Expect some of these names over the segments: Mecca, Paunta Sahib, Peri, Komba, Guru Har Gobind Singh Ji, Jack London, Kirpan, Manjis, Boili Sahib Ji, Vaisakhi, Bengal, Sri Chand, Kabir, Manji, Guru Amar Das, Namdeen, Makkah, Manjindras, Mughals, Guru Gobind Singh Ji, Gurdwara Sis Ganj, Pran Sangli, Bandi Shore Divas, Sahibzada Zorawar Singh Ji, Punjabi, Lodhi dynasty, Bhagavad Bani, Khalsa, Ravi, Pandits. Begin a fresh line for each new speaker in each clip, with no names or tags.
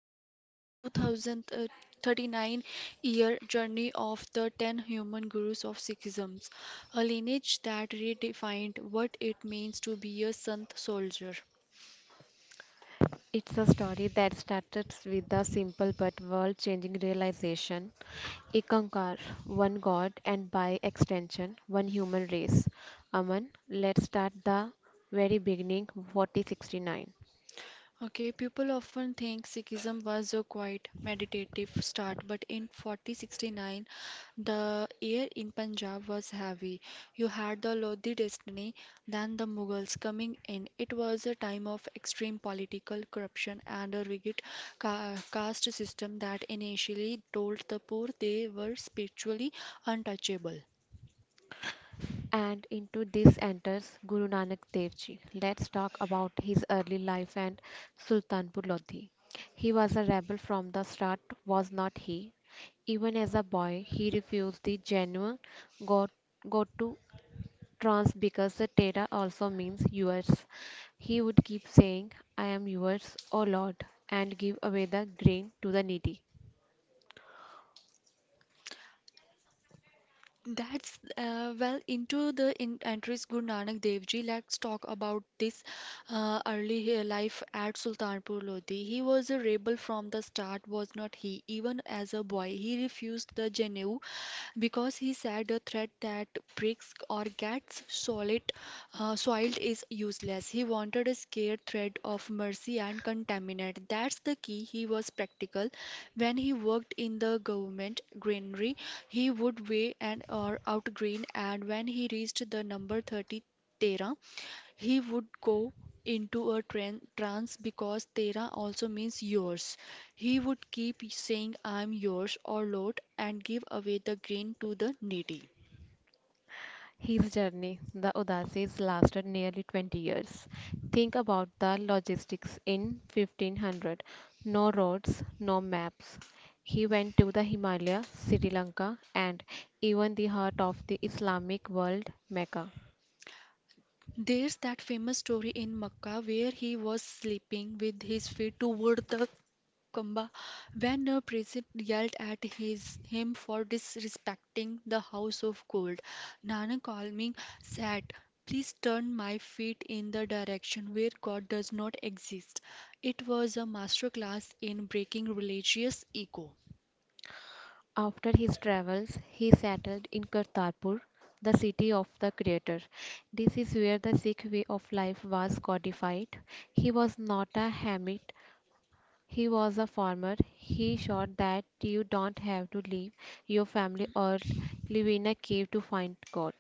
tracing the 2039 year journey of the 10 human gurus of Sikhism, a lineage that redefined what it means to be a Sant soldier.
It's a story that started with a simple but world changing realization. Ikankar, one god, and by extension, one human race. Aman, let's start the very beginning, 4069.
Okay, people often think Sikhism was a quiet, meditative start, but in 4069, the air in Punjab was heavy. You had the Lodhi dynasty, then the Mughals coming in. It was a time of extreme political corruption and a rigid caste system that initially told the poor they were spiritually untouchable.
And into this enters Guru Nanak Dev Ji. Let's talk about his early life and Sultanpur Lodi. He was a rebel from the start, was not he? Even as a boy, he refused the genuine to. Trans because the Tera also means yours. He would keep saying, I am yours, O Lord, and give away the grain to the needy.
That's Well, into the in entries Guru Nanak Dev Ji. Let's talk about this early life at Sultanpur Lodi. He was a rebel from the start, was not he? Even as a boy, he refused the Janeu because he said a threat that bricks or gets solid soiled is useless. He wanted a scared thread of mercy and contaminant. That's the key. He was practical when he worked in the government granary he would weigh an hour out green, and when he reached the number 30 Tera, he would go into a trance because Tera also means yours. He would keep saying, I'm yours, or Lord, and give away the grain to the needy.
His journey, the Udasis, lasted nearly 20 years. Think about the logistics in 1500. No roads, no maps. He went to the Himalaya, Sri Lanka, and even the heart of the Islamic world, Mecca.
There's that famous story in Makkah where he was sleeping with his feet toward the Komba, when a priest yelled at his him for disrespecting the house of gold. Nanak calming said, please turn my feet in the direction where God does not exist. It was a masterclass in breaking religious ego.
After his travels, he settled in Kartarpur, the city of the Creator. This is where the Sikh way of life was codified. He was not a hermit, he was a farmer. He showed that you don't have to leave your family or live in a cave to find God.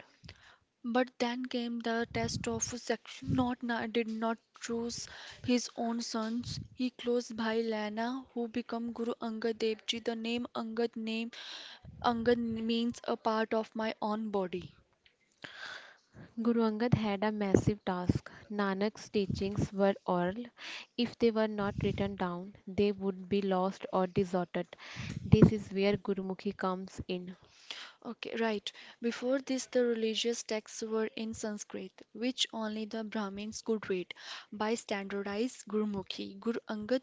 But then came the test of section. Not na- Did not choose his own sons. He close Bhai Lana, who became Guru Angad Dev Ji. The name Angad name Angan means a part of my own body.
Guru Angad had a massive task. Nanak's teachings were oral. If they were not written down, they would be lost or deserted. This is where Gurumukhi comes in.
Okay, right. Before this, the religious texts were in Sanskrit, which only the Brahmins could read. By standardized Gurmukhi, Guru Angad,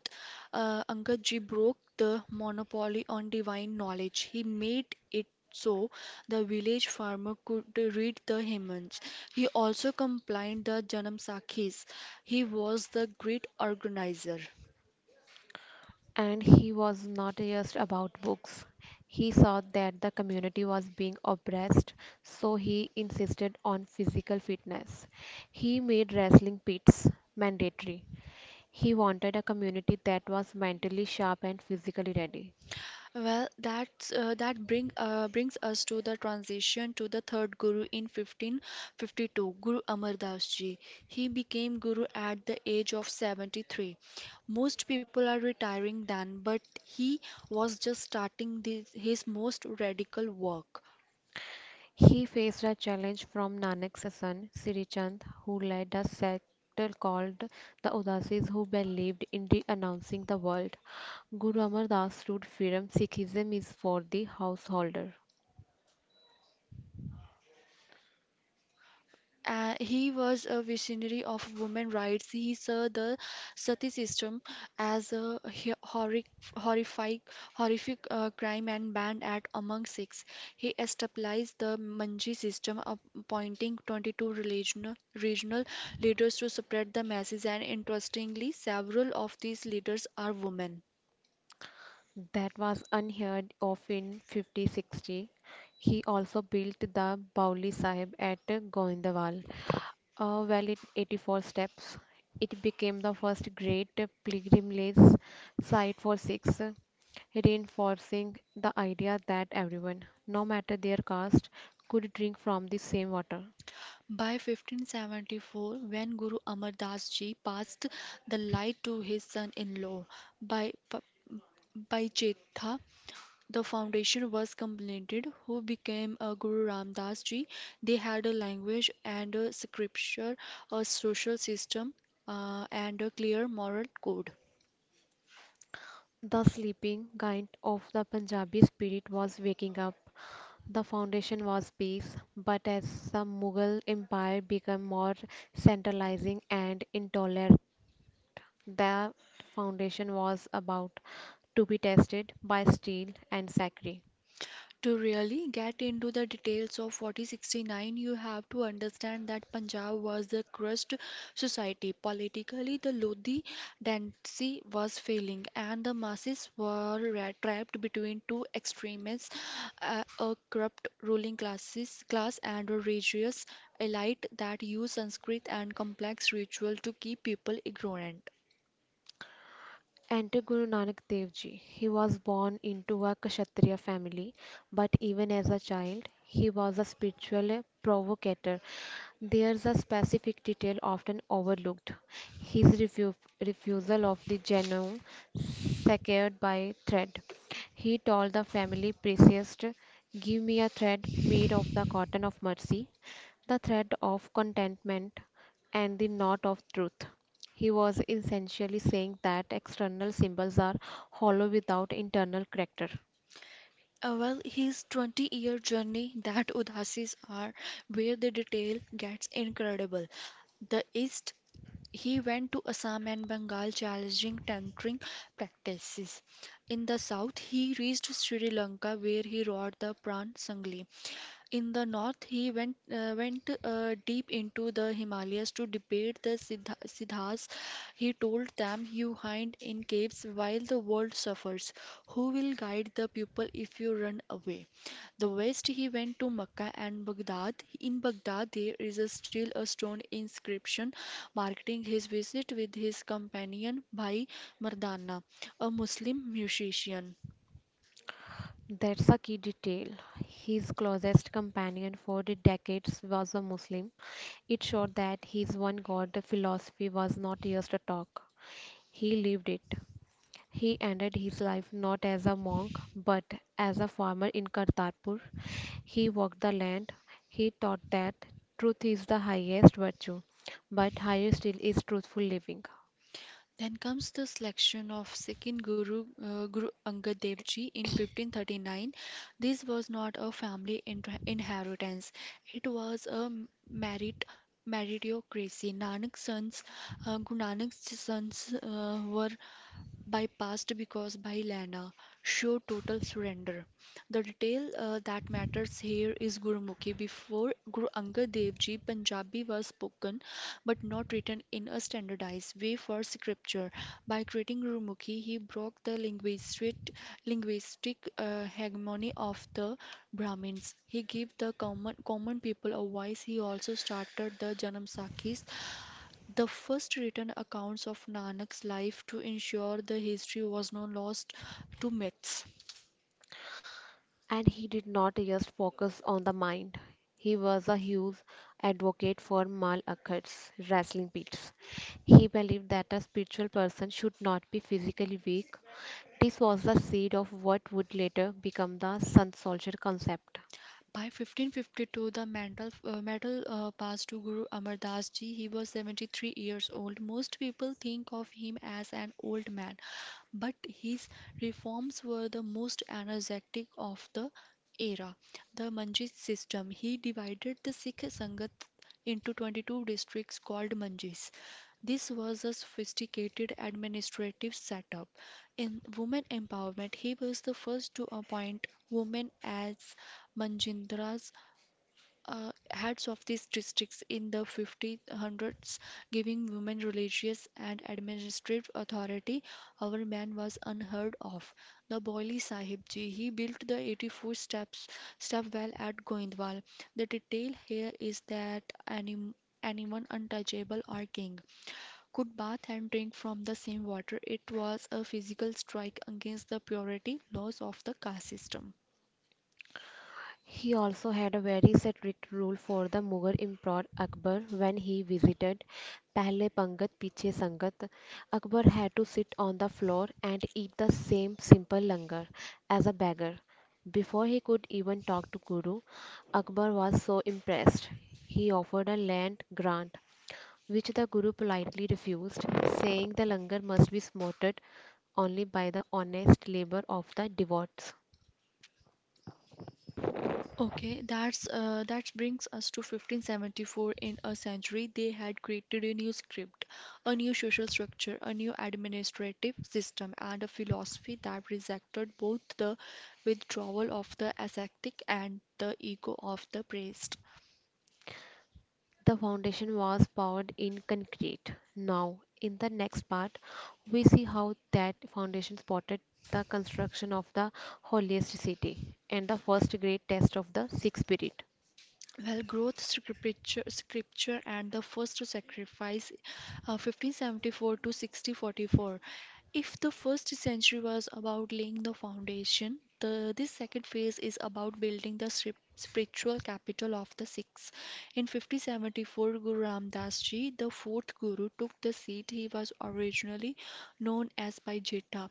Angad ji broke the monopoly on divine knowledge. He made it so the village farmer could read the hymns. He also compiled the Janam Sakhis. He was the great organizer.
And he was not just about books. He saw that the community was being oppressed, so he insisted on physical fitness. He made wrestling pits mandatory. He wanted a community that was mentally sharp and physically ready.
Well, that's that bring brings us to the transition to the third guru in 1552, Guru Amar Das Ji. He became guru at the age of 73. Most people are retiring then, but he was just starting this, his most radical work.
He faced a challenge from Nanak's son Sri Chand, who led a sect called the Udasis, who believed in renouncing the world. Guru Amar Das stood firm Sikhism is for the householder.
He was a visionary of women rights. He saw the sati system as a horrific, horrific crime and banned it among Sikhs. He established the Manji system, appointing 22 regional leaders to spread the message. And interestingly, several of these leaders are women.
That was unheard of in 5060. He also built the Bauli Sahib at Goindwal, a well in 84 steps. It became the first great pilgrimage site for Sikhs, reinforcing the idea that everyone, no matter their caste, could drink from the same water.
By 1574, when Guru Amar Das ji passed the light to his son in law, by by Chetha, the foundation was completed, who became a Guru Ram Das ji. They had a language and a scripture, a social system, and a clear moral code.
The sleeping giant of the Punjabi spirit was waking up. The foundation was peace, but as the Mughal Empire became more centralizing and intolerant, that foundation was about to be tested by steel and sacri.
To really get into the details of 4069, you have to understand that Punjab was the crust society. Politically, the Lodhi dynasty was failing, and the masses were trapped between two extremes a corrupt ruling classes, class and a religious elite that used Sanskrit and complex ritual to keep people ignorant.
Enter Guru Nanak Dev Ji. He was born into a Kshatriya family, but even as a child, he was a spiritual provocateur. There's a specific detail often overlooked his refusal of the Janum secured by thread. He told the family priest, give me a thread made of the cotton of mercy, the thread of contentment, and the knot of truth. He was essentially saying that external symbols are hollow without internal character.
His 20-year journey that Udasis are where the detail gets incredible. The East he went to Assam and Bengal challenging tantric practices. In the south, he reached Sri Lanka where he wrote the Pran Sangli. In the north, he went went deep into the Himalayas to debate the Siddhas. He told them, "You hide in caves while the world suffers. Who will guide the people if you run away?" The west he went to Mecca and Baghdad. In Baghdad there is a still a stone inscription marking his visit with his companion Bhai Mardana, a Muslim musician.
That's a key detail. His closest companion for the decades was a Muslim. It showed that his one God philosophy was not just a talk, he lived it. He ended his life not as a monk but as a farmer in Kartarpur. He walked the land. He taught that truth is the highest virtue, but higher still is truthful living.
Then comes the selection of second Guru Guru Angad Dev Ji in 1539. This was not a family inheritance; it was a merit meritocracy. Guru Nanak's sons were by past because by Bhai show total surrender. The detail that matters here is Gurumukhi. Before Guru Angad Dev Ji, Punjabi was spoken but not written in a standardized way for scripture. By creating Gurumukhi, he broke the linguistic hegemony of the Brahmins. He gave the common people a voice. He also started the Janamsakhis the first written accounts of Nanak's life to ensure the history was not lost to myths.
And he did not just focus on the mind. He was a huge advocate for Mal Akhat's wrestling pits. He believed that a spiritual person should not be physically weak. This was the seed of what would later become the Sun Soldier concept.
By 1552, the mantle passed to Guru Amar Das Ji. He was 73 years old. Most people think of him as an old man, but his reforms were the most energetic of the era. The Manji system. He divided the Sikh Sangat into 22 districts called Manjis. This was a sophisticated administrative setup. In women empowerment, he was the first to appoint women as Manjindras, heads of these districts in the 1500s, giving women religious and administrative authority our man was unheard of. The Boili Sahib Ji, he built the 84 steps step well at Goindwal. The detail here is that anyone untouchable or king could bathe and drink from the same water. It was a physical strike against the purity laws of the caste system.
He also had a very strict rule for the Mughal Emperor Akbar when he visited Pehle Pangat Piche Sangat. Akbar had to sit on the floor and eat the same simple langar as a beggar. Before he could even talk to Guru, Akbar was so impressed. He offered a land grant, which the Guru politely refused, saying the langar must be smoted only by the honest labor of the devotees.
Okay, that brings us to 1574. In a century, they had created a new script, a new social structure, a new administrative system, and a philosophy that rejected both the withdrawal of the ascetic and the ego of the priest.
The foundation was poured in concrete. Now, in the next part, we see how that foundation supported the construction of the holiest city and the first great test of the Sikh spirit.
Well, growth scripture and the first sacrifice, 1574 to 6044. If the first century was about laying the foundation, the this second phase is about building the spiritual capital of the Sikhs. In 1574, Guru Ram Das Ji, the fourth Guru, took the seat he was originally known as by Jetha.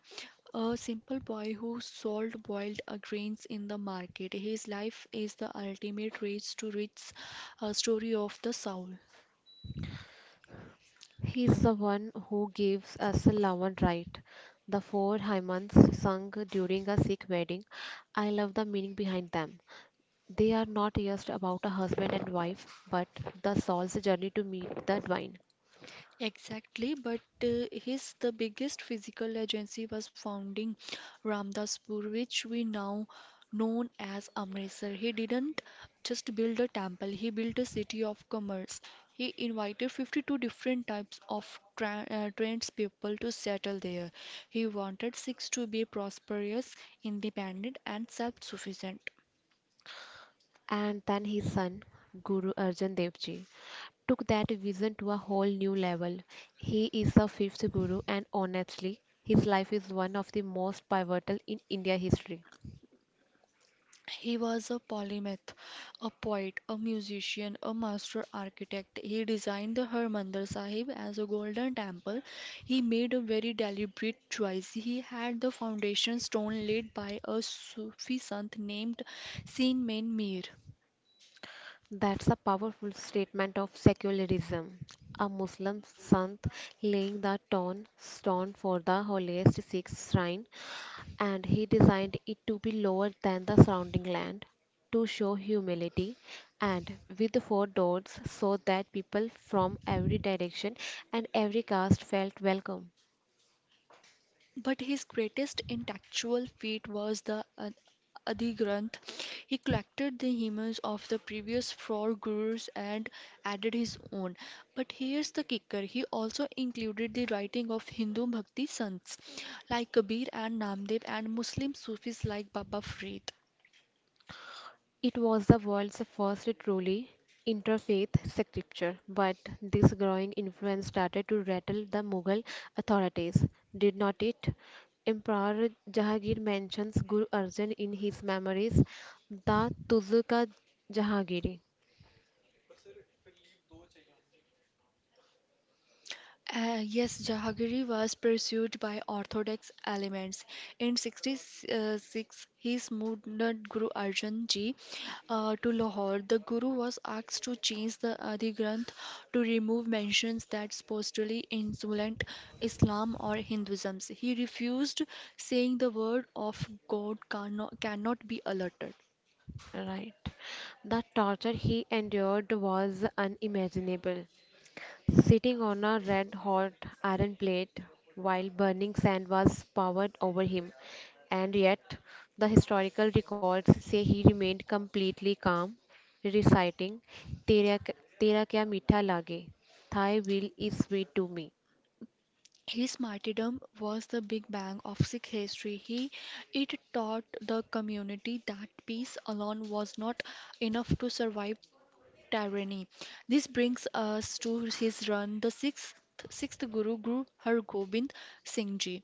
A simple boy who sold boiled grains in the market. His life is the ultimate race to riches, a story of the soul.
He is the one who gives us a Lavan rite, the four hymns sung during a Sikh wedding. I love the meaning behind them. They are not just about a husband and wife, but the soul's journey to meet the divine.
Exactly, but his the biggest physical agency was founding Ramdaspur, which we now known as Amritsar. He didn't just build a temple; he built a city of commerce. He invited 52 different types of tradespeople to settle there. He wanted six to be prosperous, independent, and self-sufficient.
And then his son, Guru Arjan Dev Ji, took that vision to a whole new level. He is the fifth Guru, and honestly, his life is one of the most pivotal in India history.
He was a polymath, a poet, a musician, a master architect. He designed the Harmandir Sahib as a golden temple. He made a very deliberate choice. He had the foundation stone laid by a Sufi sant named Sin Main Mir.
That's a powerful statement of secularism. A Muslim saint laying the tone stone for the holiest Sikh shrine, and he designed it to be lower than the surrounding land to show humility and with four doors so that people from every direction and every caste felt welcome.
But his greatest intellectual feat was the Adigrantha. He collected the hymns of the previous four gurus and added his own. But here's the kicker he also included the writing of Hindu bhakti sons like Kabir and Namdev and Muslim Sufis like Baba Farid.
It was the world's first truly interfaith scripture, but this growing influence started to rattle the Mughal authorities, did not it? Emperor Jahangir mentions Guru Arjan in his memoirs, the Tuzuka Jahangiri.
Yes, Jahangiri was pursued by orthodox elements. In 66, his movement Guru Arjan Ji to Lahore. The Guru was asked to change the Adhigranth to remove mentions that supposedly insulate Islam or Hinduism. He refused, saying the word of God cannot be altered.
Right. The torture he endured was unimaginable. Sitting on a red hot iron plate while burning sand was poured over him, and yet the historical records say he remained completely calm, reciting, Tera, tera kya meetha lage, thy will is sweet to me.
His martyrdom was the big bang of Sikh history. He it taught the community that peace alone was not enough to survive tyranny. This brings us to his run, the sixth Guru Guru Har Gobind Singh Ji.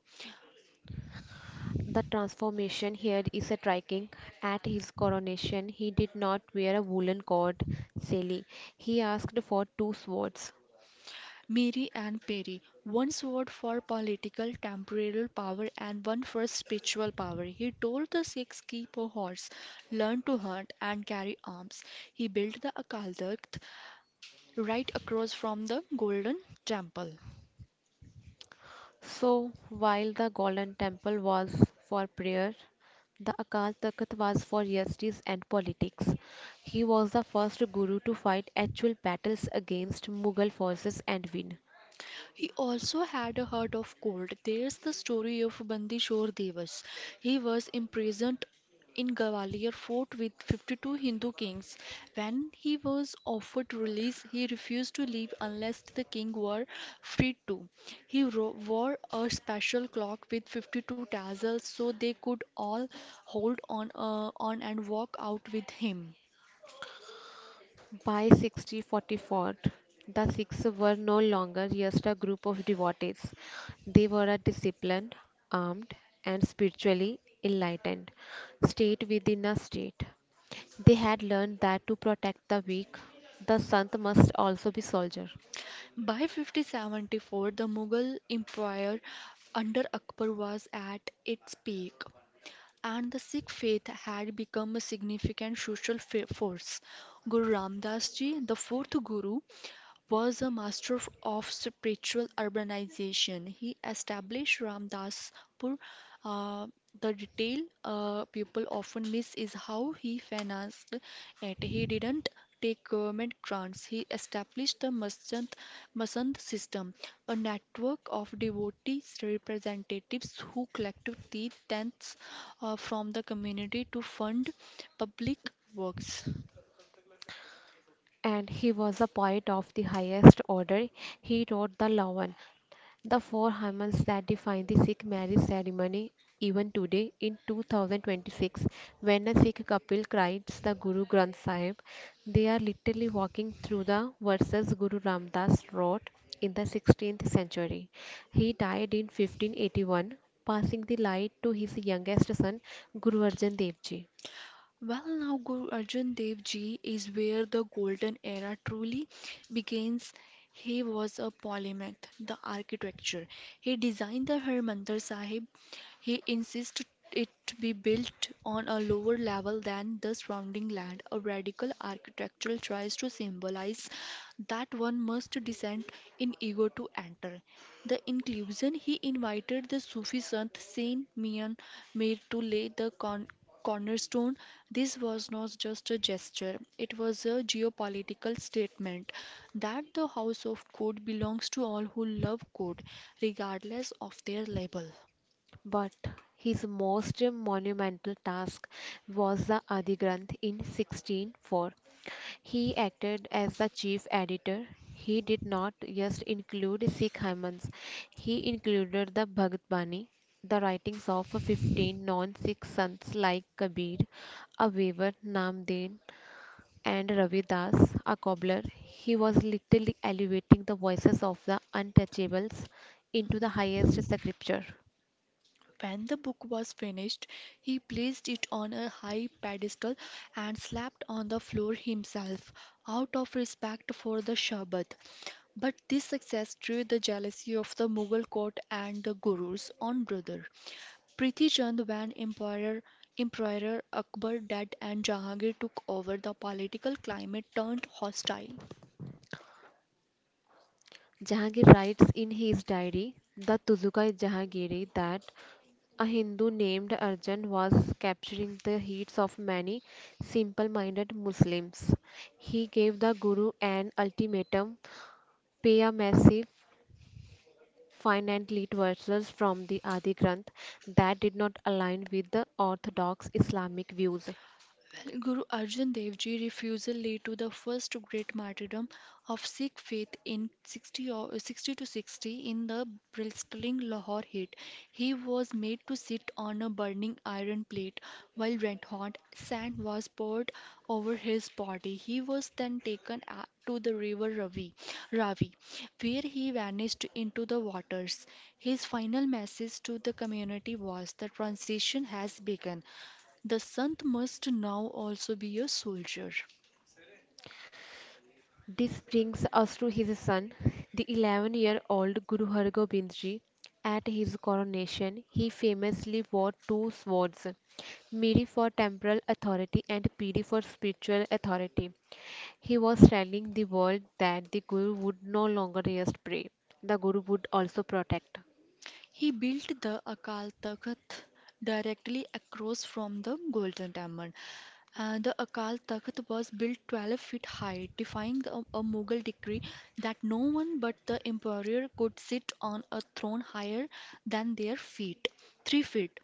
The transformation here is striking. At his coronation, he did not wear a woolen cord, silly. He asked for two swords.
Miri and Peri, one sword for political temporal power and one for spiritual power. He told the Sikhs keep a horse, learn to hunt and carry arms. He built the Akal Takht, right across from the Golden Temple.
So, while the Golden Temple was for prayer, the Akal Takht was for justice and politics. He was the first guru to fight actual battles against Mughal forces and win.
He also had a heart of gold. There's the story of Bandishore Devas. He was imprisoned in Gwalior fort with 52 Hindu kings. When he was offered release, he refused to leave unless the king were freed too. He wore a special clock with 52 tassels so they could all hold on and walk out with him.
By 1644, the Sikhs were no longer just a group of devotees. They were a disciplined, armed, and spiritually enlightened state within a state. They had learned that to protect the weak, the Sant must also be soldier.
By 5074, the Mughal Empire under Akbar was at its peak, and the Sikh faith had become a significant social force. Guru Ram Das ji, the fourth Guru, was a master of spiritual urbanization. He established Ramdaspur. Uh, the detail people often miss is how he financed it. He didn't take government grants. He established the Masand system, a network of devotees representatives who collected the tenths from the community to fund public works.
And he was a poet of the highest order. He wrote the Lavan, the four hormones that define the Sikh marriage ceremony even today in 2026. When a Sikh couple writes the Guru Granth Sahib, they are literally walking through the verses Guru Ramdas wrote in the 16th century. He died in 1581, passing the light to his youngest son Guru Arjan Dev Ji.
Well, now Guru Arjan Dev Ji is where the golden era truly begins. He was a polymath, the architecture. He designed the Harmandir Sahib. He insisted it to be built on a lower level than the surrounding land. A radical architectural tries to symbolize that one must descend in ego to enter. The inclusion he invited the Sufi saint Saint Mian Mir to lay the cornerstone. This was not just a gesture, it was a geopolitical statement that the House of God belongs to all who love God, regardless of their label.
But his most monumental task was the Adi Granth in 1604. He acted as the chief editor. He did not just include Sikh hymns, he included the Bhagavad Bani, the writings of 15 non Sikh sons like Kabir, a weaver, Namdeen, and Ravi Das, a cobbler. He was literally elevating the voices of the untouchables into the highest scripture.
When the book was finished, he placed it on a high pedestal and slept on the floor himself, out of respect for the Shabbat. But this success drew the jealousy of the Mughal court and the Guru's own brother, Prithi Chand. When Emperor Akbar died and Jahangir took over, the political climate turned hostile.
Jahangir writes in his diary, the Tuzuka Jahangiri, that a Hindu named Arjan was capturing the hearts of many simple minded Muslims. He gave the Guru an ultimatum pay a massive fine and delete verses from the Adi Granth that did not align with the orthodox Islamic views.
Well, Guru Arjan Dev Ji refusal led to the first great martyrdom of Sikh faith in 60, or 60 to 60, in the blistering Lahore heat. He was made to sit on a burning iron plate while red hot sand was poured over his body. He was then taken to the river Ravi, where he vanished into the waters. His final message to the community was, the transition has begun. The sant must now also be a soldier.
This brings us to his son, the 11-year-old Guru Har Gobind Ji. At his coronation, he famously wore two swords Miri for temporal authority and Piri for spiritual authority. He was telling the world that the Guru would no longer just pray, the Guru would also protect.
He built the Akal Takht directly across from the Golden Temple. The Akal Takht was built 12 feet high, defying a Mughal decree that no one but the emperor could sit on a throne higher than their feet, 3 feet.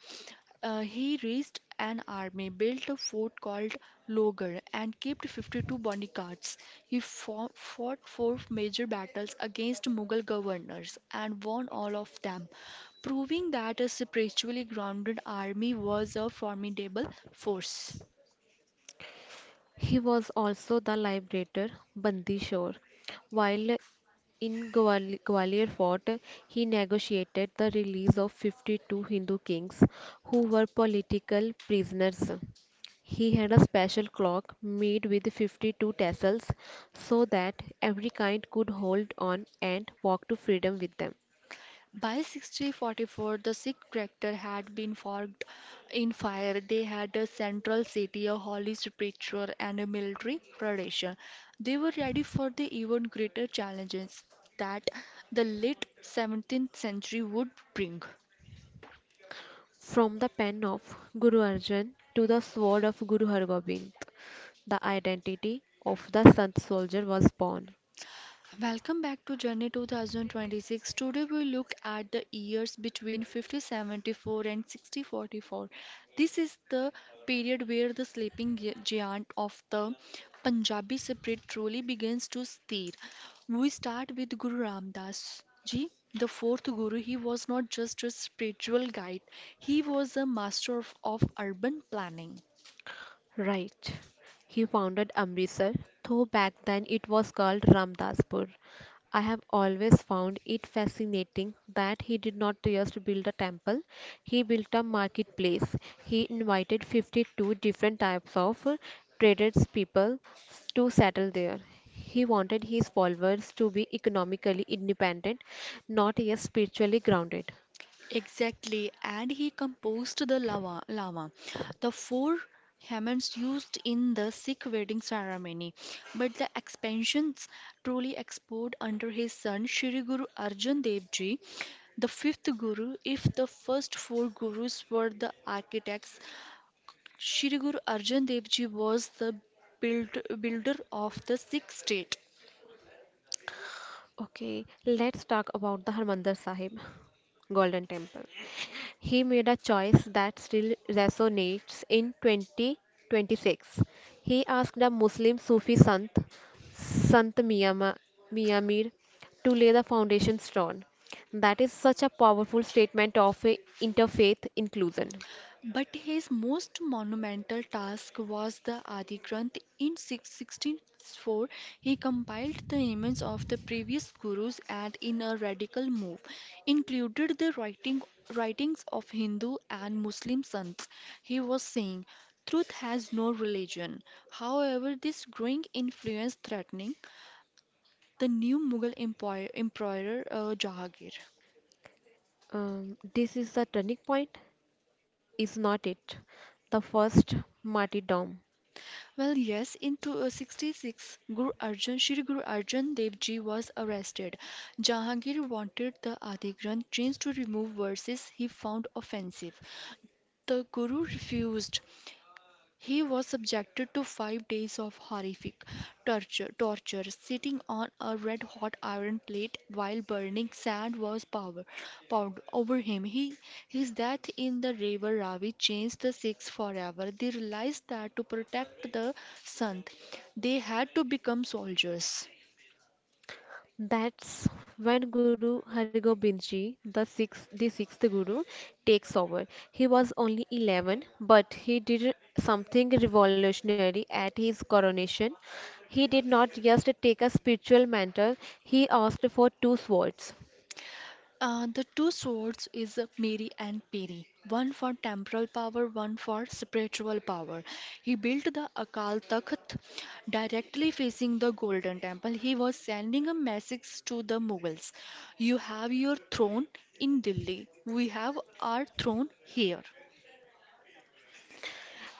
He raised an army, built a fort called Logar, and kept 52 bodyguards. He fought four major battles against Mughal governors and won all of them, proving that a spiritually grounded army was a formidable force.
He was also the liberator Bandi Shore. While in Gwalior Fort, he negotiated the release of 52 Hindu kings who were political prisoners. He had a special clock made with 52 tassels so that every kind could hold on and walk to freedom with them.
By 1644, the Sikh character had been forged in fire. They had a central city, a holy spiritual, and a military tradition. They were ready for the even greater challenges that the late 17th century would bring.
From the pen of Guru Arjan to the sword of Guru Har Gobind, the identity of the Sant soldier was born.
Welcome back to Journey 2026. Today we look at the years between 5074 and 6044. This is the period where the sleeping giant of the Punjabi spirit truly begins to stir. We start with Guru Ram Das ji. The fourth guru, he was not just a spiritual guide, he was a master of urban planning.
Right. He founded Amritsar, though back then it was called Ramdaspur. I have always found it fascinating that he did not just build a temple, he built a marketplace. He invited 52 different types of traders, people, to settle there. He wanted his followers to be economically independent, not just spiritually grounded.
Exactly, and he composed the lava, the four hymns used in the Sikh wedding ceremony. But the expansions truly exploded under his son Shri Guru Arjan Dev Ji, the fifth guru. If the first four gurus were the architects, Shri Guru Arjan Dev Ji was the builder of the Sikh state.
Okay, let's talk about the Harmandir Sahib Golden Temple. He made a choice that still resonates in 2026. He asked a Muslim Sufi Sant, Sant Mian Ma- Mian Mir, to lay the foundation stone. That is such a powerful statement of interfaith inclusion.
But his most monumental task was the Adi Granth. In 1604, he compiled the images of the previous gurus and, in a radical move, included the writings of Hindu and Muslim saints. He was saying, truth has no religion. However, this growing influence threatening the new Mughal emperor Jahangir.
This is the turning point, is not it? The first martyrdom.
Well, yes, in 266, Guru Arjan, Shri Guru Arjan Dev Ji was arrested. Jahangir wanted the Adi Granth changed to remove verses he found offensive. The Guru refused. He was subjected to 5 days of horrific torture, sitting on a red hot iron plate while burning sand was poured over him. His death in the river Ravi changed the Sikhs forever. They realized that to protect the Sant, they had to become soldiers.
That's when Guru Hargobind ji, the sixth Guru, takes over. He was only 11, but he did something revolutionary at his coronation. He did not just take a spiritual mantle; he asked for two swords.
The two swords is Mary and Peri, one for temporal power, one for spiritual power. He built the Akal Takht directly facing the Golden Temple. He was sending a message to the Mughals. You have your throne in Delhi. We have our throne here.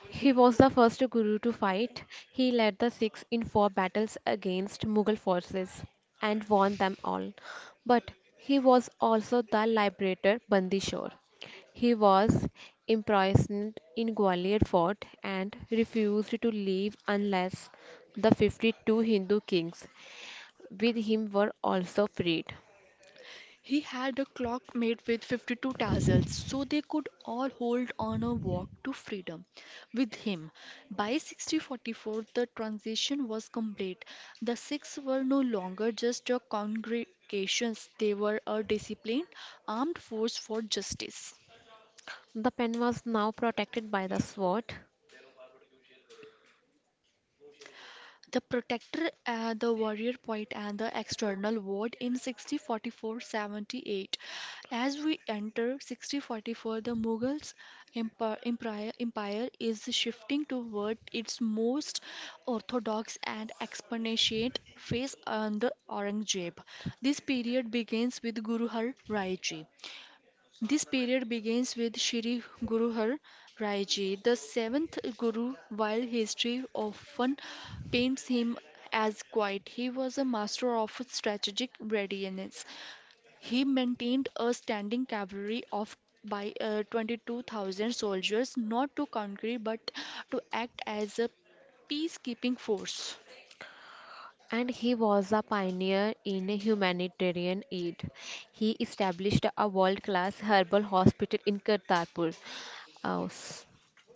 He was the first Guru to fight. He led the Sikhs in four battles against Mughal forces and won them all. But he was also the liberator Bandi. He was imprisoned in Gwalior Fort and refused to leave unless the 52 Hindu kings with him were also freed.
He had a clock made with 52 tassels so they could all hold on a walk to freedom with him. By 1644, the transition was complete. The Sikhs were no longer just a congregation, they were a disciplined armed force for justice.
The pen was now protected by the sword.
The protector, the warrior poet, and the external ward in 6044. As we enter 6044, the Mughals empire is shifting toward its most orthodox and expansionist phase under Aurangzeb. This period begins with Guru Har Rai Ji. This period begins with Shri Guru Har Rai Ji, the seventh Guru. While history often paints him as quiet, he was a master of strategic readiness. He maintained a standing cavalry of by 22,000 soldiers, not to conquer but to act as a peacekeeping force.
And he was a pioneer in humanitarian aid. He established a world class herbal hospital in Kartarpur. Uh, s-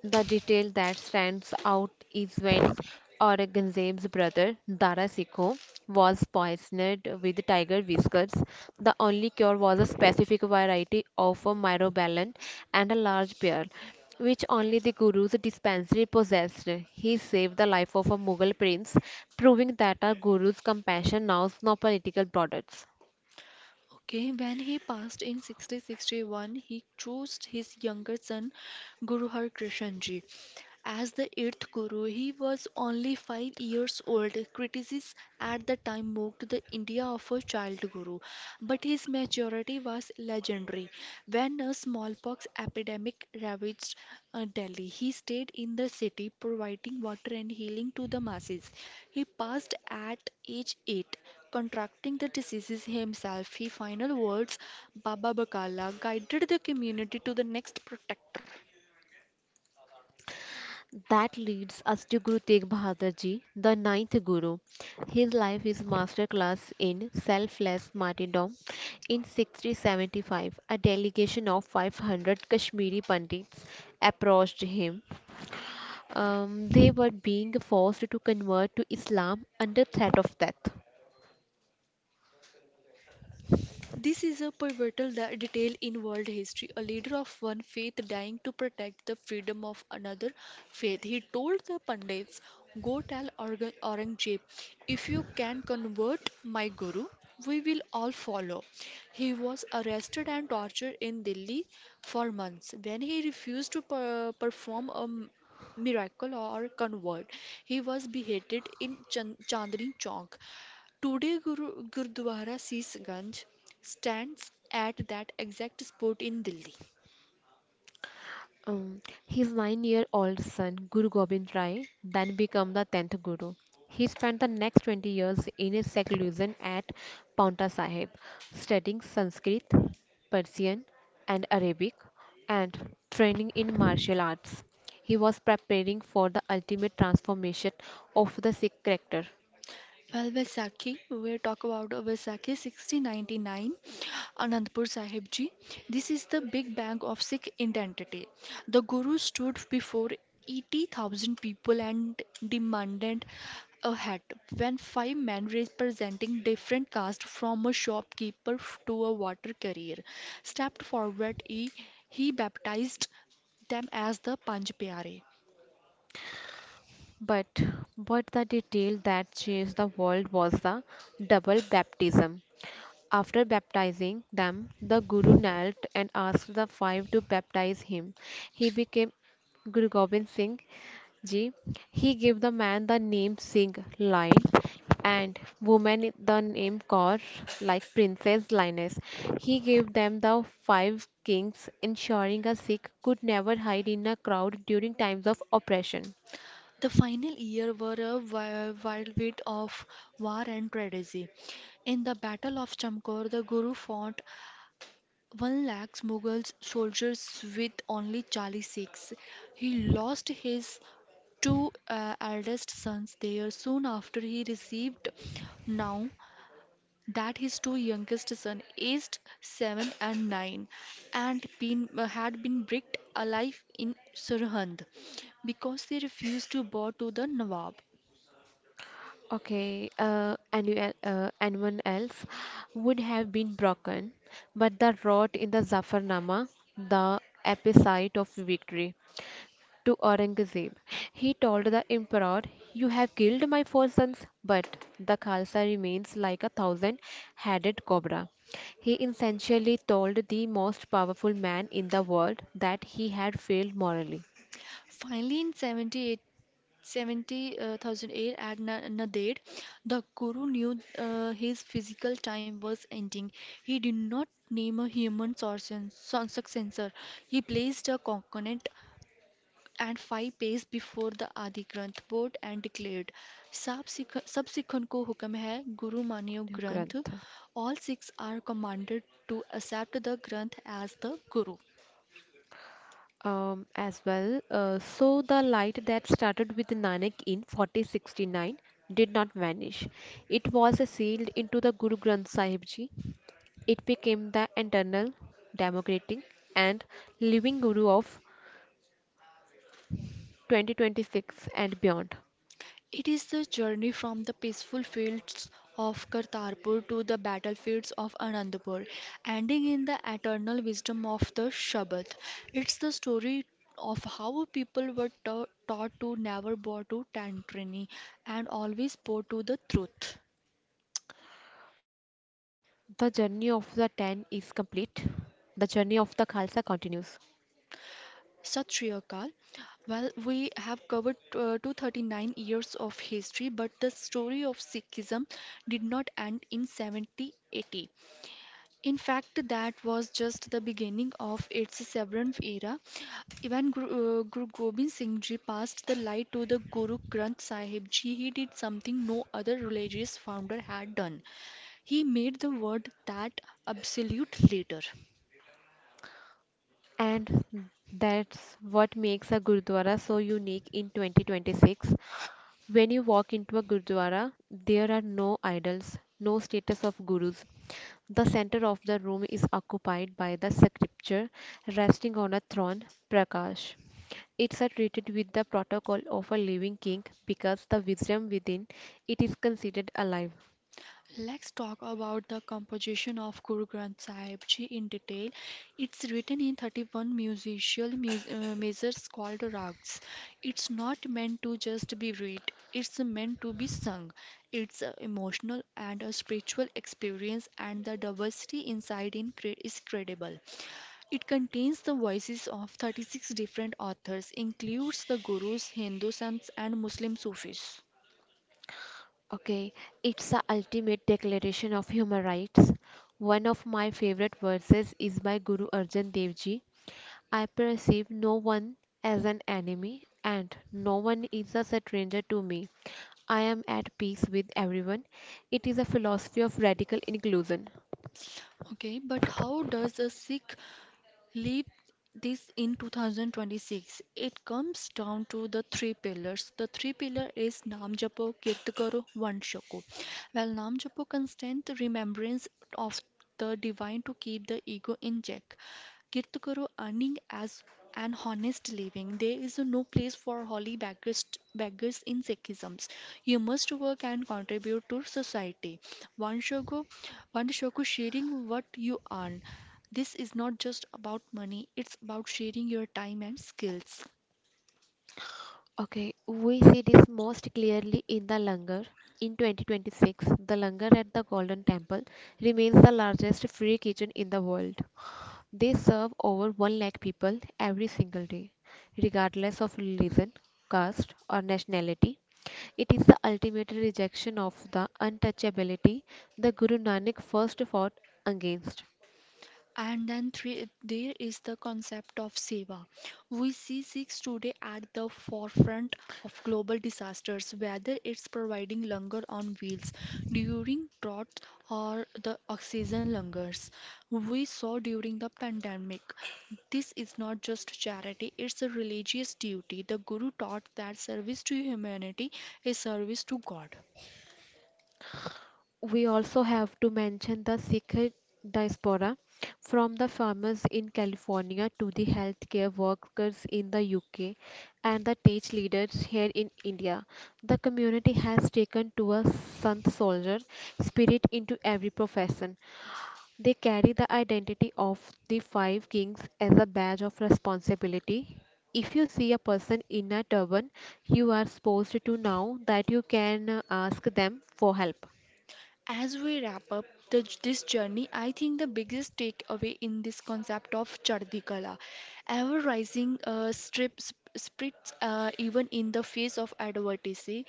the detail that stands out is when Aurangzeb's brother Dara Shikoh was poisoned with tiger whiskers. The only cure was a specific variety of a myrobalan and a large pearl, which only the guru's dispensary possessed. He saved the life of a Mughal prince, proving that our guru's compassion knows no political borders.
Okay, when he passed in 6061, he chose his younger son Guru Har Krishan Ji as the eighth guru. He was only 5 years old. Critics at the time mocked the India of a child guru, but his maturity was legendary. When a smallpox epidemic ravaged Delhi, he stayed in the city, providing water and healing to the masses. He passed at age 8, contracting the diseases himself. His final words, Baba Bakala, guided the community to the next protector.
That leads us to Guru Tegh Bahadur Ji, the ninth Guru. His life is masterclass in selfless martyrdom. In 1675, a delegation of 500 Kashmiri Pandits approached him. They were being forced to convert to Islam under threat of death.
This is a pivotal detail in world history. A leader of one faith dying to protect the freedom of another faith. He told the Pandits, go tell Aurangzeb, if you can convert my guru, we will all follow. He was arrested and tortured in Delhi for months. When he refused to perform a miracle or convert, he was beheaded in Chandni Chowk. Today, Gurdwara Sis Ganj stands at that exact spot in Delhi.
Um, his nine-year-old son, Guru Gobind Rai, then became the tenth Guru. He spent the next 20 years in a seclusion at Paunta Sahib, studying Sanskrit, Persian, and Arabic, and training in martial arts. He was preparing for the ultimate transformation of the Sikh character.
Well, Vaisakhi, we talk about Vaisakhi 1699, Anandpur Sahib Ji. This is the big bang of Sikh identity. The Guru stood before 80,000 people and demanded a hat. When five men representing different castes, from a shopkeeper to a water carrier, stepped forward, he baptized them as the Panj Pyare.
But what the detail that changed the world was the double baptism. After baptizing them, the Guru knelt and asked the five to baptize him. He became Guru Gobind Singh Ji. He gave the man the name Singh Lion and woman the name Kaur, like Princess Lioness. He gave them the five kings, ensuring a Sikh could never hide in a crowd during times of oppression.
The final year were a wild bit of war and tragedy. In the Battle of Chamkor, the Guru fought 1 lakh Mughal soldiers with only 40 Sikhs. He lost his two eldest sons there, soon after he received now that his two youngest son aged 7 and 9 had been bricked alive in Surhand because they refused to bow to the Nawab.
Okay, anyone else would have been broken, but the rod in the Zafarnama, the episode of victory, to Aurangzeb, he told the emperor, "You have killed my four sons, but the Khalsa remains like a thousand-headed cobra." He essentially told the most powerful man in the world that he had failed morally.
Finally, in 78, 70,008 at Nanded, the Guru knew his physical time was ending. He did not name a human successor. He placed a coconut and five pace before the Adi Granth board and declared, "सब सिख सब सिखन को हुक्म है गुरु मानियो ग्रंथ."
Granth
All six are commanded to accept the Granth as the Guru.
as well. So the light that started with Nanak in 4069 did not vanish. It was sealed into the Guru Granth Sahib Ji. It became the eternal, democratic, and living Guru of 2026 and beyond.
It is the journey from the peaceful fields of Kartarpur to the battlefields of Anandpur, ending in the eternal wisdom of the Shabad. It's the story of how people were taught to never bow to tantrini and always bow to the truth.
The journey of the 10 is complete. The journey of the Khalsa continues.
Sat Shri Akal. Well, we have covered 239 years of history, but the story of Sikhism did not end in 7080. In fact, that was just the beginning of its Seventh era. When Guru Gobind Singh Ji passed the light to the Guru Granth Sahib Ji. He did something no other religious founder had done. He made the word that absolute leader.
And that's what makes a Gurdwara so unique in 2026. When you walk into a gurdwara, there are no idols, no status of gurus. The center of the room is occupied by the scripture resting on a throne, Prakash. It's a treated with the protocol of a living king because the wisdom within it is considered alive.
Let's talk about the composition of Guru Granth Sahib Ji in detail. It's written in 31 musical measures called rags. It's not meant to just be read, it's meant to be sung. It's a emotional and a spiritual experience, and the diversity inside is credible. It contains the voices of 36 different authors, includes the Gurus, Hindu saints, and Muslim Sufis.
Okay, it's the ultimate declaration of human rights. One of my favorite verses is by Guru Arjan Dev Ji. I perceive no one as an enemy and no one is a stranger to me. I am at peace with everyone. It is a philosophy of radical inclusion.
Okay, but how does a Sikh leap this in 2026? It comes down to the three pillars. The three pillar is Naam Japo, Kirt Karo, Vand Shako. While Naam Japo constant remembrance of the divine to keep the ego in check. Kirt Karo earning as an honest living. There is no place for holy beggars in Sikhism. You must work and contribute to society. One shogo, one shogo sharing what you earn. This is not just about money, it's about sharing your time and skills.
Okay, we see this most clearly in the Langar. In 2026, the Langar at the Golden Temple remains the largest free kitchen in the world. They serve over 1 lakh people every single day, regardless of religion, caste, or nationality. It is the ultimate rejection of the untouchability the Guru Nanak first fought against.
And then three, there is the concept of seva. We see Sikhs today at the forefront of global disasters, whether it's providing langar on wheels during drought or the oxygen langars we saw during the pandemic. This is not just charity, it's a religious duty. The Guru taught that service to humanity is service to God.
We also have to mention the Sikh diaspora from the farmers in California to the healthcare workers in the UK and the tech leaders here in India. The community has taken to a Sant soldier spirit into every profession. They carry the identity of the five kings as a badge of responsibility. If you see a person in a turban, you are supposed to know that you can ask them for help.
As we wrap up this journey, I think the biggest takeaway in this concept of Chardhi Kala, ever rising spirits even in the face of adversity,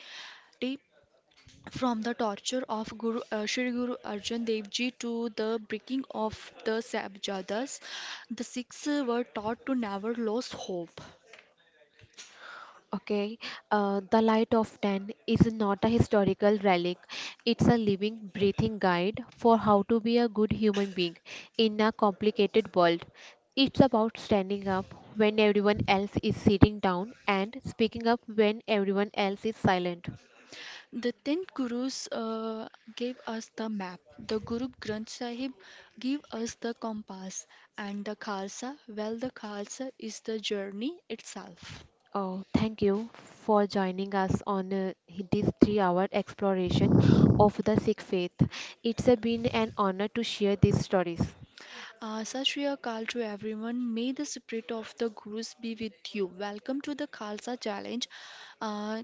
from the torture of Guru Sri Guru Arjan Dev Ji to the breaking of the Sabjadas, the Sikhs were taught to never lose hope.
Okay, the Light of Ten is not a historical relic. It's a living, breathing guide for how to be a good human being in a complicated world. It's about standing up when everyone else is sitting down and speaking up when everyone else is silent.
The 10 gurus gave us the map, the Guru Granth Sahib gave us the compass, and the Khalsa, well, the Khalsa is the journey itself.
Oh, thank you for joining us on this 3 hour exploration of the Sikh faith. It's been an honor to share these stories.
Sat Shri Akal to everyone. May the spirit of the Gurus be with you. Welcome to the Khalsa Challenge. Uh,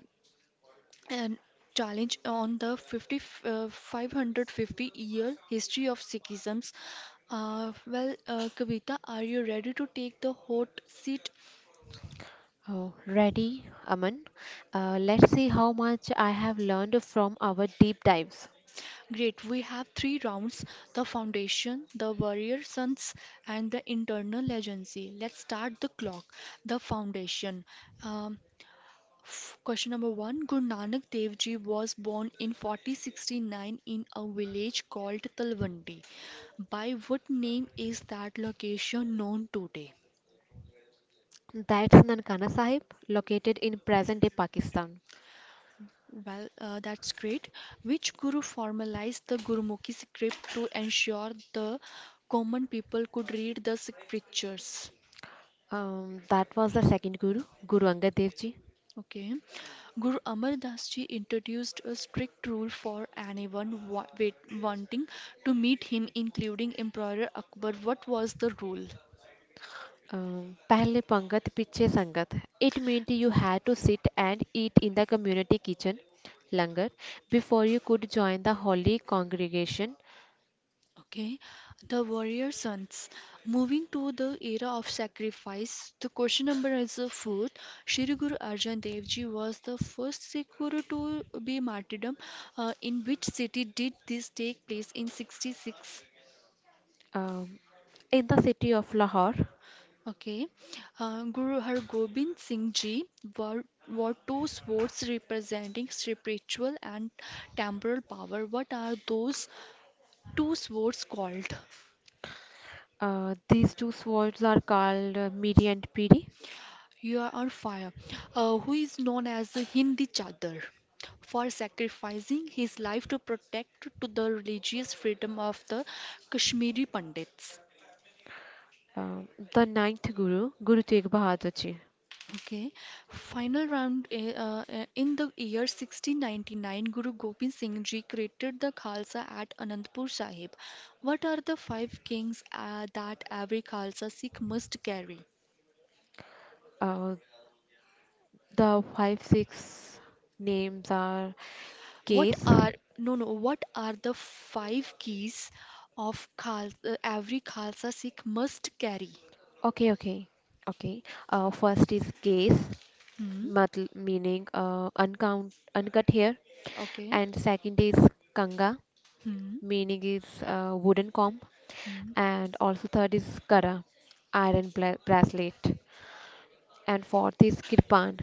and challenge on the 550-year history of Sikhism's. Kavita, are you ready to take the hot seat?
Oh, ready, Aman? Let's see how much I have learned from our deep dives.
Great. We have three rounds: the Foundation, the Warrior Sons, and the Internal Agency. Let's start the clock. The Foundation. Um, question number one. Guru Nanak Dev Ji was born in 1469 in a village called Talwandi. By what name is that location known today?
That's Nankana Sahib, located in present-day Pakistan.
Well, that's great. Which guru formalized the Gurumukhi script to ensure the common people could read the scriptures?
That was the second Guru, Guru Angad Dev Ji.
Okay. Guru Amar Das Ji introduced a strict rule for anyone wanting to meet him, including Emperor Akbar. What was the rule?
पहले पंगत पीछे संगत. It meant you had to sit and eat in the community kitchen, langar, before you could join the holy congregation.
Okay, the warrior sons. Moving to the era of sacrifice, the question number is fourth. Shri Guru Arjan Dev Ji was the first Sikh Guru to be martyrdom. In which city did this take place in 66?
Um, in the city of Lahore.
Okay. Guru Har Gobind Singh Ji were, were two swords representing spiritual and temporal power. What are those two swords called?
These two swords are called Miri and Piri.
You are fire, who is known as the Hindi Chadar for sacrificing his life to protect to the religious freedom of the Kashmiri Pandits.
Um, the ninth Guru, Guru Tegh Bahadur Ji.
Okay, final round in the year 1699, Guru Gobind Singh Ji created the Khalsa at Anandpur Sahib. What are the five kings that every Khalsa Sikh must carry?
Uh, the 5 6 names are
What
case.
are no no? What are the five keys of Khal every Khalsa Sikh must carry?
Okay, okay, okay. First is case,
Hmm.
meaning uncut hair,
Okay.
and second is kanga,
Hmm.
meaning is wooden comb,
Hmm.
and also third is kara, bracelet, and fourth is kirpan.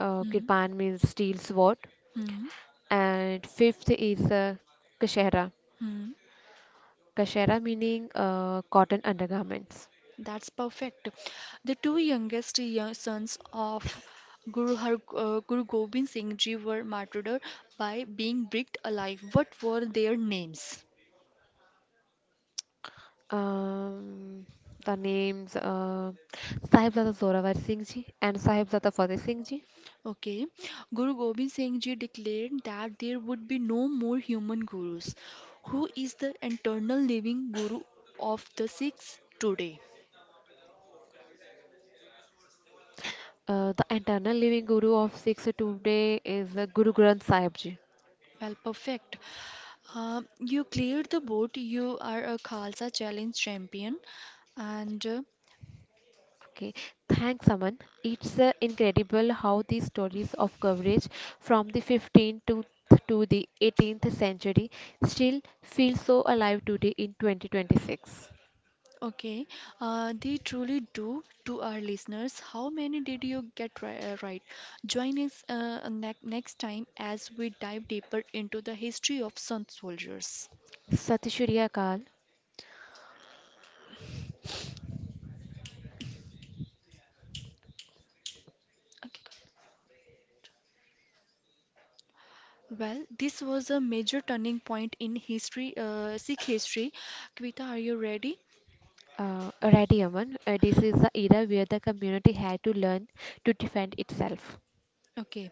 Hmm.
Kirpan means steel sword,
Hmm.
and fifth is kashera.
Hmm.
Kashera meaning cotton undergarments.
That's perfect. The two youngest sons of Guru Gobind Singh Ji were martyred by being bricked alive. What were their names?
Um, the names Sahibzada Zorawar Singh Ji and Sahibzada Fateh Singh Ji.
Okay, Guru Gobind Singh Ji declared that there would be no more human gurus. Who is the eternal living guru of the Sikhs today?
The eternal living guru of Sikhs today is Guru Granth Sahib Ji.
Well, perfect. You cleared the board. You are a Khalsa Challenge champion, and
Okay, thanks, Aman. It's incredible how these stories of coverage from the 15th to the 18th century still feel so alive today in 2026.
okay, they truly do. To our listeners, how many did you get right? Join us ne next time as we dive deeper into the history of Sun soldiers.
Satishriya Kal.
Okay. Well, this was a major turning point in history, Sikh history. Kvita, are you ready?
Uh, righty Aman. This is the era where the community had to learn to defend itself.
Okay.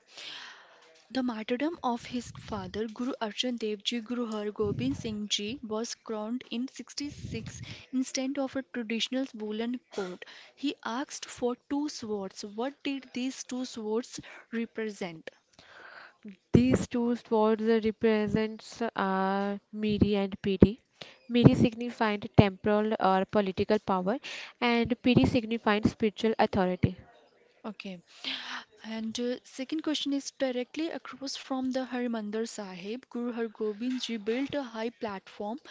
The martyrdom of his father, Guru Arjan Dev Ji Guru Har Gobind Singh Ji, was crowned in 66 instead of a traditional woolen coat. He asked for two swords. What did these two swords represent?
These two swords represents Miri and Piri. Miri signified temporal or political power, and Piri signified spiritual authority.
Okay. And second question is directly across from the Harmandir Sahib, Guru Har Gobind Ji built a high platform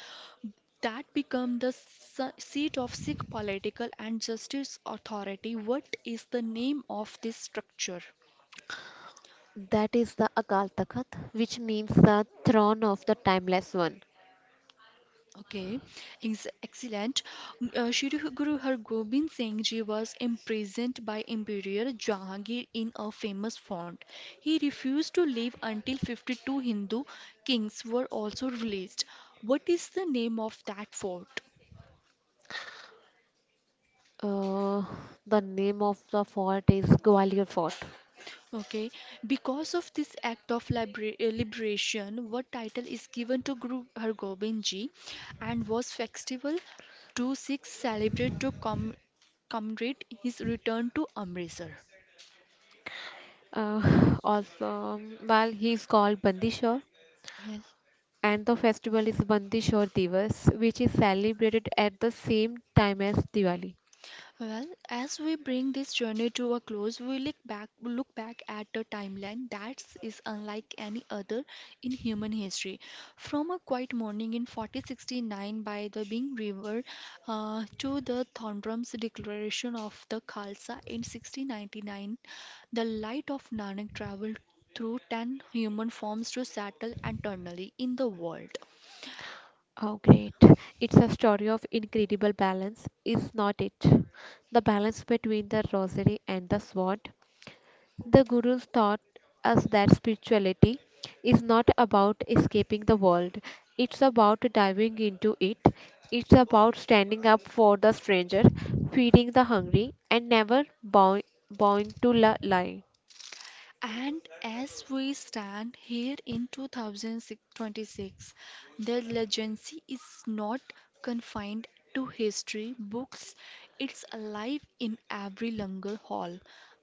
that became the seat of Sikh political and justice authority. What is the name of this structure?
That is the Akal Takht, which means the throne of the timeless one.
Okay, excellent. Shri Guru Hargobind Singh Ji was imprisoned by Emperor Jahangir in a famous fort. He refused to leave until 52 Hindu kings were also released. What is the name of that fort?
Uh, the name of the fort is Gwalior Fort.
Okay, because of this act of liberation, what title is given to Guru Hargobind Ji and was festival 26 celebrate to commemorate his return to Amritsar?
Also, well, he is called Bandishore,
Yes.
and the festival is Bandishore Divas, which is celebrated at the same time as Diwali.
Well, as we bring this journey to a close, we look back at a timeline that is unlike any other in human history. From a quiet morning in 4069 by the Bing River to the Thorndrum's declaration of the Khalsa in 1699, the light of Nanak traveled through 10 human forms to settle eternally in the world.
Oh, great. It's a story of incredible balance, is not it? The balance between the rosary and the sword. The Gurus taught us that spirituality is not about escaping the world, it's about diving into it. It's about standing up for the stranger, feeding the hungry, and never bowing to lie.
And as we stand here in 2026, the legacy is not confined to history books, it's alive in every langar hall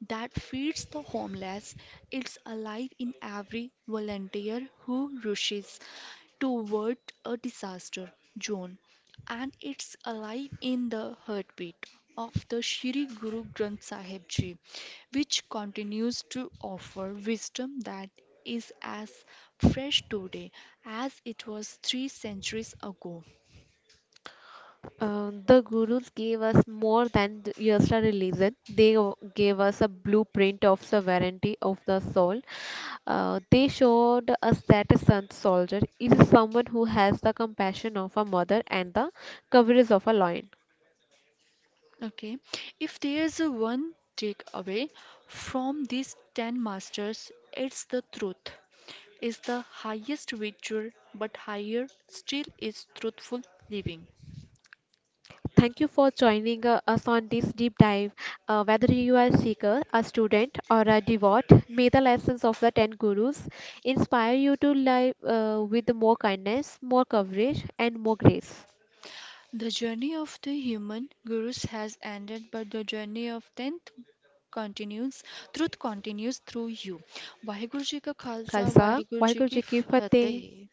that feeds the homeless, it's alive in every volunteer who rushes toward a disaster zone and it's alive in the heartbeat of the Shri Guru Granth Sahib Ji, which continues to offer wisdom that is as fresh today as it was three centuries ago.
The Gurus gave us more than just a religion, they gave us a blueprint of sovereignty of the soul. They showed us that a sun soldier is someone who has the compassion of a mother and the coverage of a lion.
Okay, if there's a one takeaway from these 10 masters, it's the truth is the highest virtue, but higher still is truthful living.
Thank you for joining us on this deep dive. Whether you are a seeker, a student, or a devout, may the lessons of the 10 gurus inspire you to live with more kindness, more courage, and more grace.
The journey of the human gurus has ended, but the journey of tenth continues. Truth continues through you. Waheguru ਜੀ ਕਾ Khalsa
Khalsa,
Waheguru ਜੀ
Vaheguru
ਕੀ
Ji Ki Fateh.
ਫਤਿਹ